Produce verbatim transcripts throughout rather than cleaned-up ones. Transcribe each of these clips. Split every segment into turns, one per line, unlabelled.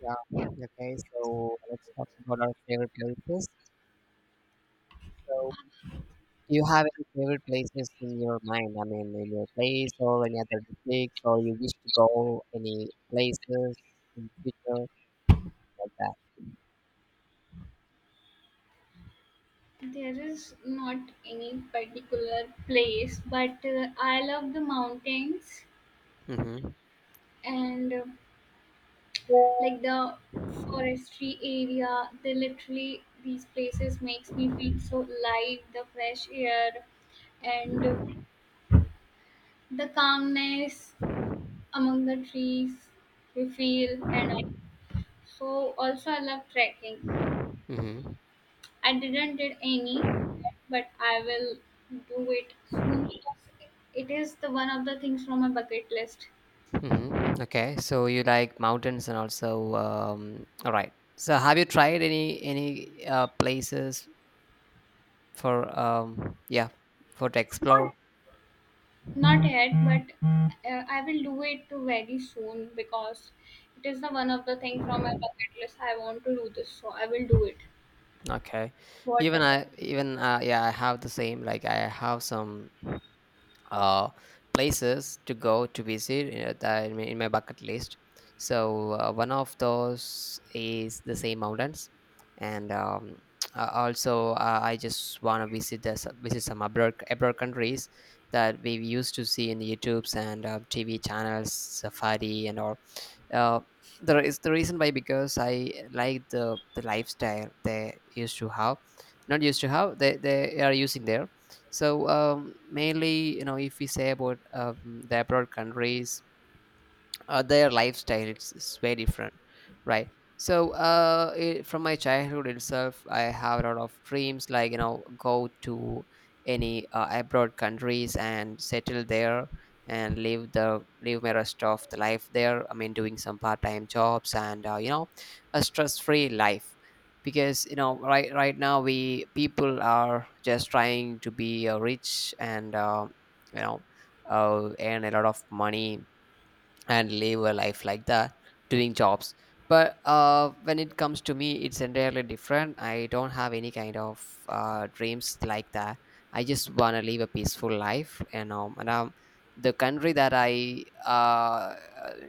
Yeah. Okay. So let's talk about our favorite places. So, do you have any favorite places in your mind? I mean, in your place or any other districts, or you wish to go any places in future like that?
There is not any particular place, but uh, I love the mountains
Mm-hmm.
and uh, like the forestry area. They literally These places makes me feel so alive. The fresh air and uh, the calmness among the trees we feel, and I, so also I love trekking.
Mm-hmm.
I didn't did any, but I will do it soon because it is the one of the things from my bucket list.
Mm-hmm. Okay, so you like mountains and also um, all right. So have you tried any any uh, places for um yeah for to explore?
Not not yet, but uh, I will do it very soon because it is the one of the thing from my bucket list. I want to do this, so I will do it.
Okay, even
Whatever.
I even uh, yeah I have the same, like I have some. Uh, places to go to visit, uh, that in my in my bucket list. So, uh, one of those is the same mountains, and um, uh, also, uh, I just want to visit the, s- visit some abroad abroad countries that we used to see in the YouTubes and uh, T V channels, Safari and all, uh, the is the reason why, because I like the the lifestyle they used to have, not used to have, they they are using there. So um, mainly, you know, if we say about um, the abroad countries, uh, their lifestyle, it's, it's very different, right? So uh it, from my childhood itself, I have a lot of dreams, like, you know, go to any uh, abroad countries and settle there and live the live my rest of the life there. I mean doing some part-time jobs and, uh, you know, a stress-free life, because, you know, right right now we people are just trying to be uh, rich and, uh, you know uh, earn a lot of money and live a life like that, doing jobs. But uh, when it comes to me, it's entirely different. I don't have any kind of uh, dreams like that. I just want to live a peaceful life, you know. And um, the country that I, uh,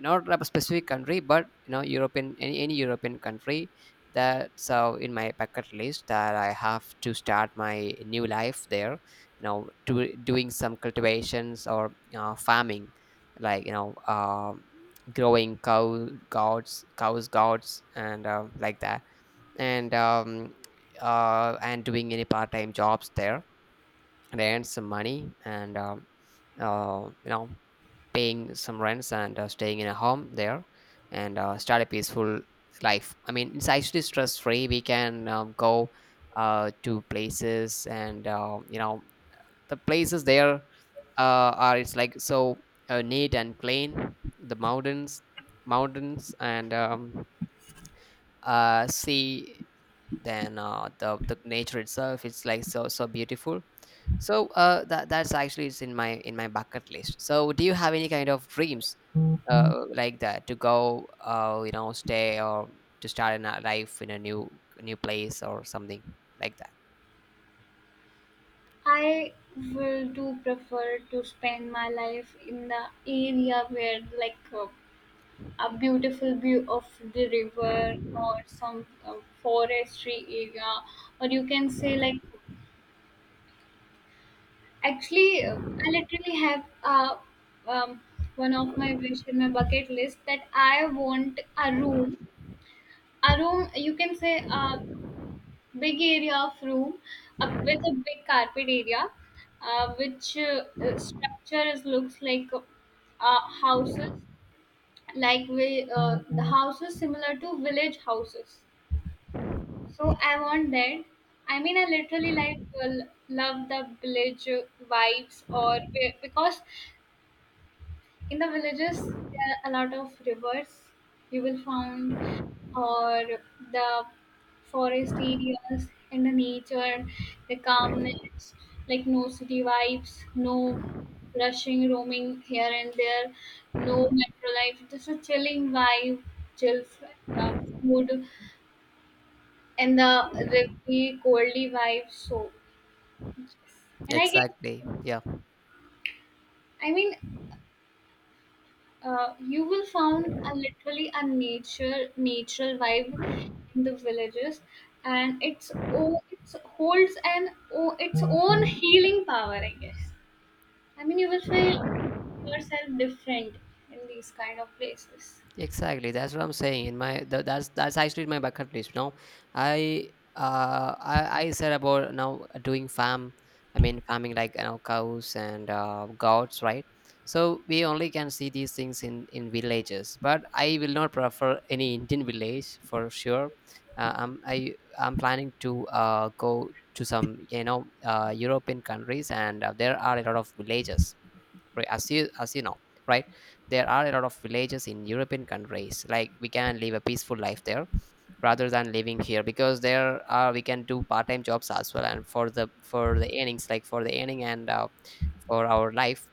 not a specific country, but, you know, European, any, any European country, that's uh, in my bucket list, that I have to start my new life there, you know, to, doing some cultivations or, uh, farming, like, you know, um growing cow gods cows, gods, and um like that, and um uh and doing any part-time jobs there, and earn some money and, um uh, you know, paying some rents and, uh, staying in a home there, and, uh, start a peaceful life. I mean, it's actually stress free. We can, uh, go, uh, to places, and, uh, you know, the places there, uh, are, it's like so, uh, neat and clean. The mountains, mountains and um, uh, sea, then uh, the the nature itself, it's like so so beautiful. So uh, that that's actually is in my in my bucket list. So do you have any kind of dreams, uh, like that, to go, uh, you know, stay or to start a life in a new new place or something like that?
I will do prefer to spend my life in the area where like uh, a beautiful view of the river or some uh, forestry area, or you can say like actually uh, I literally have uh, um, one of my wish in my bucket list, that I want a room a room you can say a big area of room, uh, with a big carpet area, uh, which uh, uh, structure is looks like uh, uh, houses, like we uh, the houses similar to village houses. So I want that. I mean, I literally like l- love the village vibes, or be- because in the villages there are a lot of rivers you will find, or the forest areas and the nature, the calmness, like no city vibes, no rushing, roaming here and there, no metro life, just a chilling vibe, chill uh, mood, and the really coldly vibe. So yes. And I guess,
Exactly. Yeah.
I mean, uh, you will found a literally a nature natural vibe in the villages, and it's oh it holds an oh its own healing power, I guess. I mean, you will feel yourself different in these kind of places.
Exactly. That's what I'm saying. In my th- that's that's actually my bucket list. Now, I uh I, I said about now doing farm. I mean farming, like, you know, cows and, uh, goats, right? So we only can see these things in in villages. But I will not prefer any Indian village for sure. Uh, I'm I I'm planning to, uh go to some, you know, uh European countries, and uh, there are a lot of villages, right? As you as you know, right? There are a lot of villages in European countries, like we can live a peaceful life there rather than living here, because there are we can do part-time jobs as well. And for the for the earnings, like for the earning and, uh, for our life,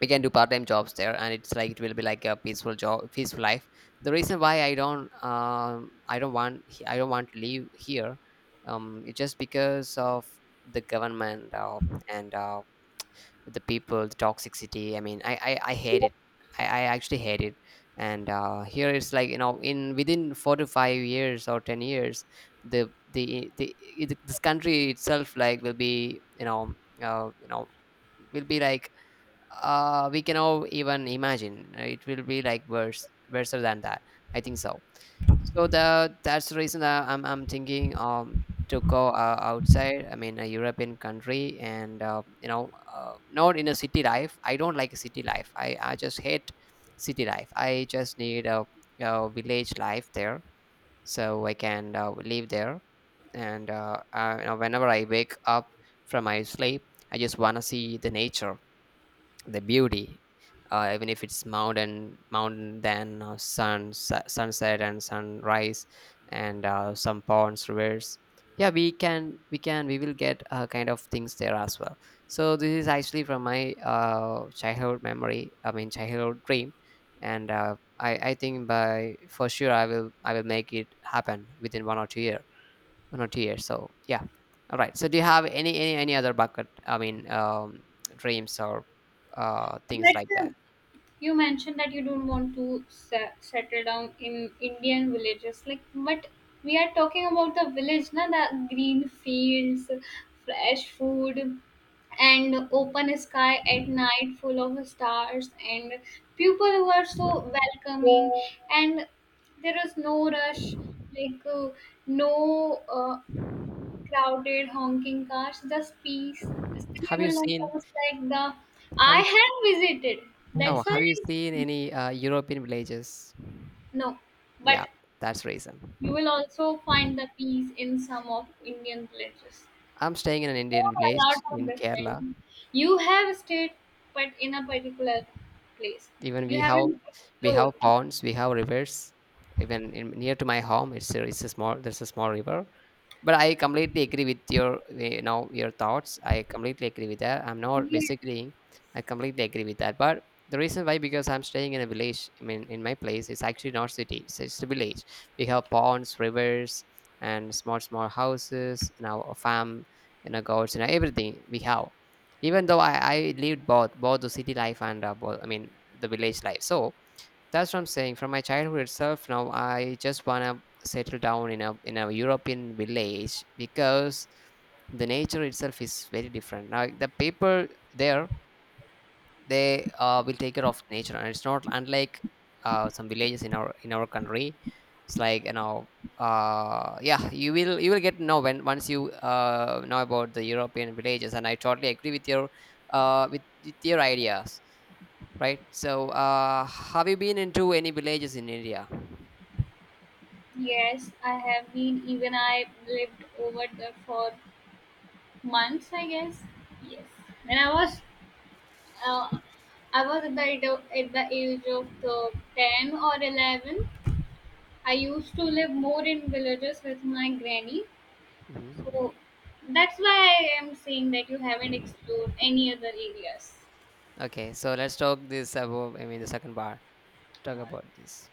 we can do part-time jobs there, and it's like it will be like a peaceful job, peaceful life. The reason why I don't um I don't want I don't want to live here, um, it's just because of the government, uh, and uh, the people, the toxicity. I mean, i i, I hate it. I, I actually hate it. And, uh, here it's like, you know, in within four to five years or ten years, the the, the it- this country itself like will be, you know, uh, you know will be like, uh we cannot even imagine. Uh, it will be like worse worse than that, I think so. So the that's the reason that i'm, I'm thinking, um to go, uh, outside, I mean a European country, and, uh, you know uh, not in a city life. I don't like city life. I I just hate city life. I just need a, a village life there, so I can, uh, live there, and, uh, uh, you know, whenever I wake up from my sleep, I just want to see the nature, the beauty, uh, even if it's mountain mountain, then uh, sun, su- sunset and sunrise, and, uh, some ponds, rivers. Yeah, we can we can we will get, uh, kind of things there as well. So this is actually from my, uh, childhood memory. I mean childhood dream. And, uh, I, I think by for sure I will i will make it happen within one or two year, not two years. So yeah, all right, so do you have any any, any other bucket, I mean, um dreams or, uh things like
But uh,
that?
You mentioned that you don't want to se- settle down in Indian villages, like, but we are talking about the village, na, the green fields, fresh food, and open sky at night full of stars, and people who are so welcoming, and there is no rush, like uh, no uh, crowded honking cars, just peace. Still you
Have you
will not
seen,
notice like the—
have
I
you,
have visited,
oh,
that's why
have you
I'm—
seen any, uh, European villages?
No, but
Yeah, that's reason.
you will also find the peas in some of Indian villages.
I'm staying in an Indian
A lot
village
of
in Kerala.
different. You have stayed, but in a particular place.
Even
You
we have
haven't
We have
explored.
ponds, we have rivers, even in, near to my home. It's a, it's a small, there's a small river. But I completely agree with your, you know, your thoughts. I completely agree with that. I'm not
Yes,
disagreeing. I completely agree with that, but the reason why, because I'm staying in a village. I mean, in my place it's actually not city, so it's a village. We have ponds, rivers, and small small houses, you know, a farm, you know, goats, you know, everything we have. Even though I, I lived both both the city life and, uh, both, I mean the village life. So that's what I'm saying. From my childhood itself, now I just wanna settle down in a in a European village, because the nature itself is very different. Now the people there, they, uh, will take care of nature, and it's not unlike, uh, some villages in our in our country. It's like, you know, uh yeah, you will you will get to know when once you, uh know about the European villages. And I totally agree with your, uh with, with your ideas, right? So, uh have you been into any villages in India?
yes, I have been. Even I lived over there for months, I guess. Yes, when I was, uh, I was at the age of, at the age of the ten or eleven. I used to live more in villages with my granny.
Hmm.
So that's why I am saying that you haven't explored any other areas.
Okay, so let's talk this about, I mean, the second bar, talk about this.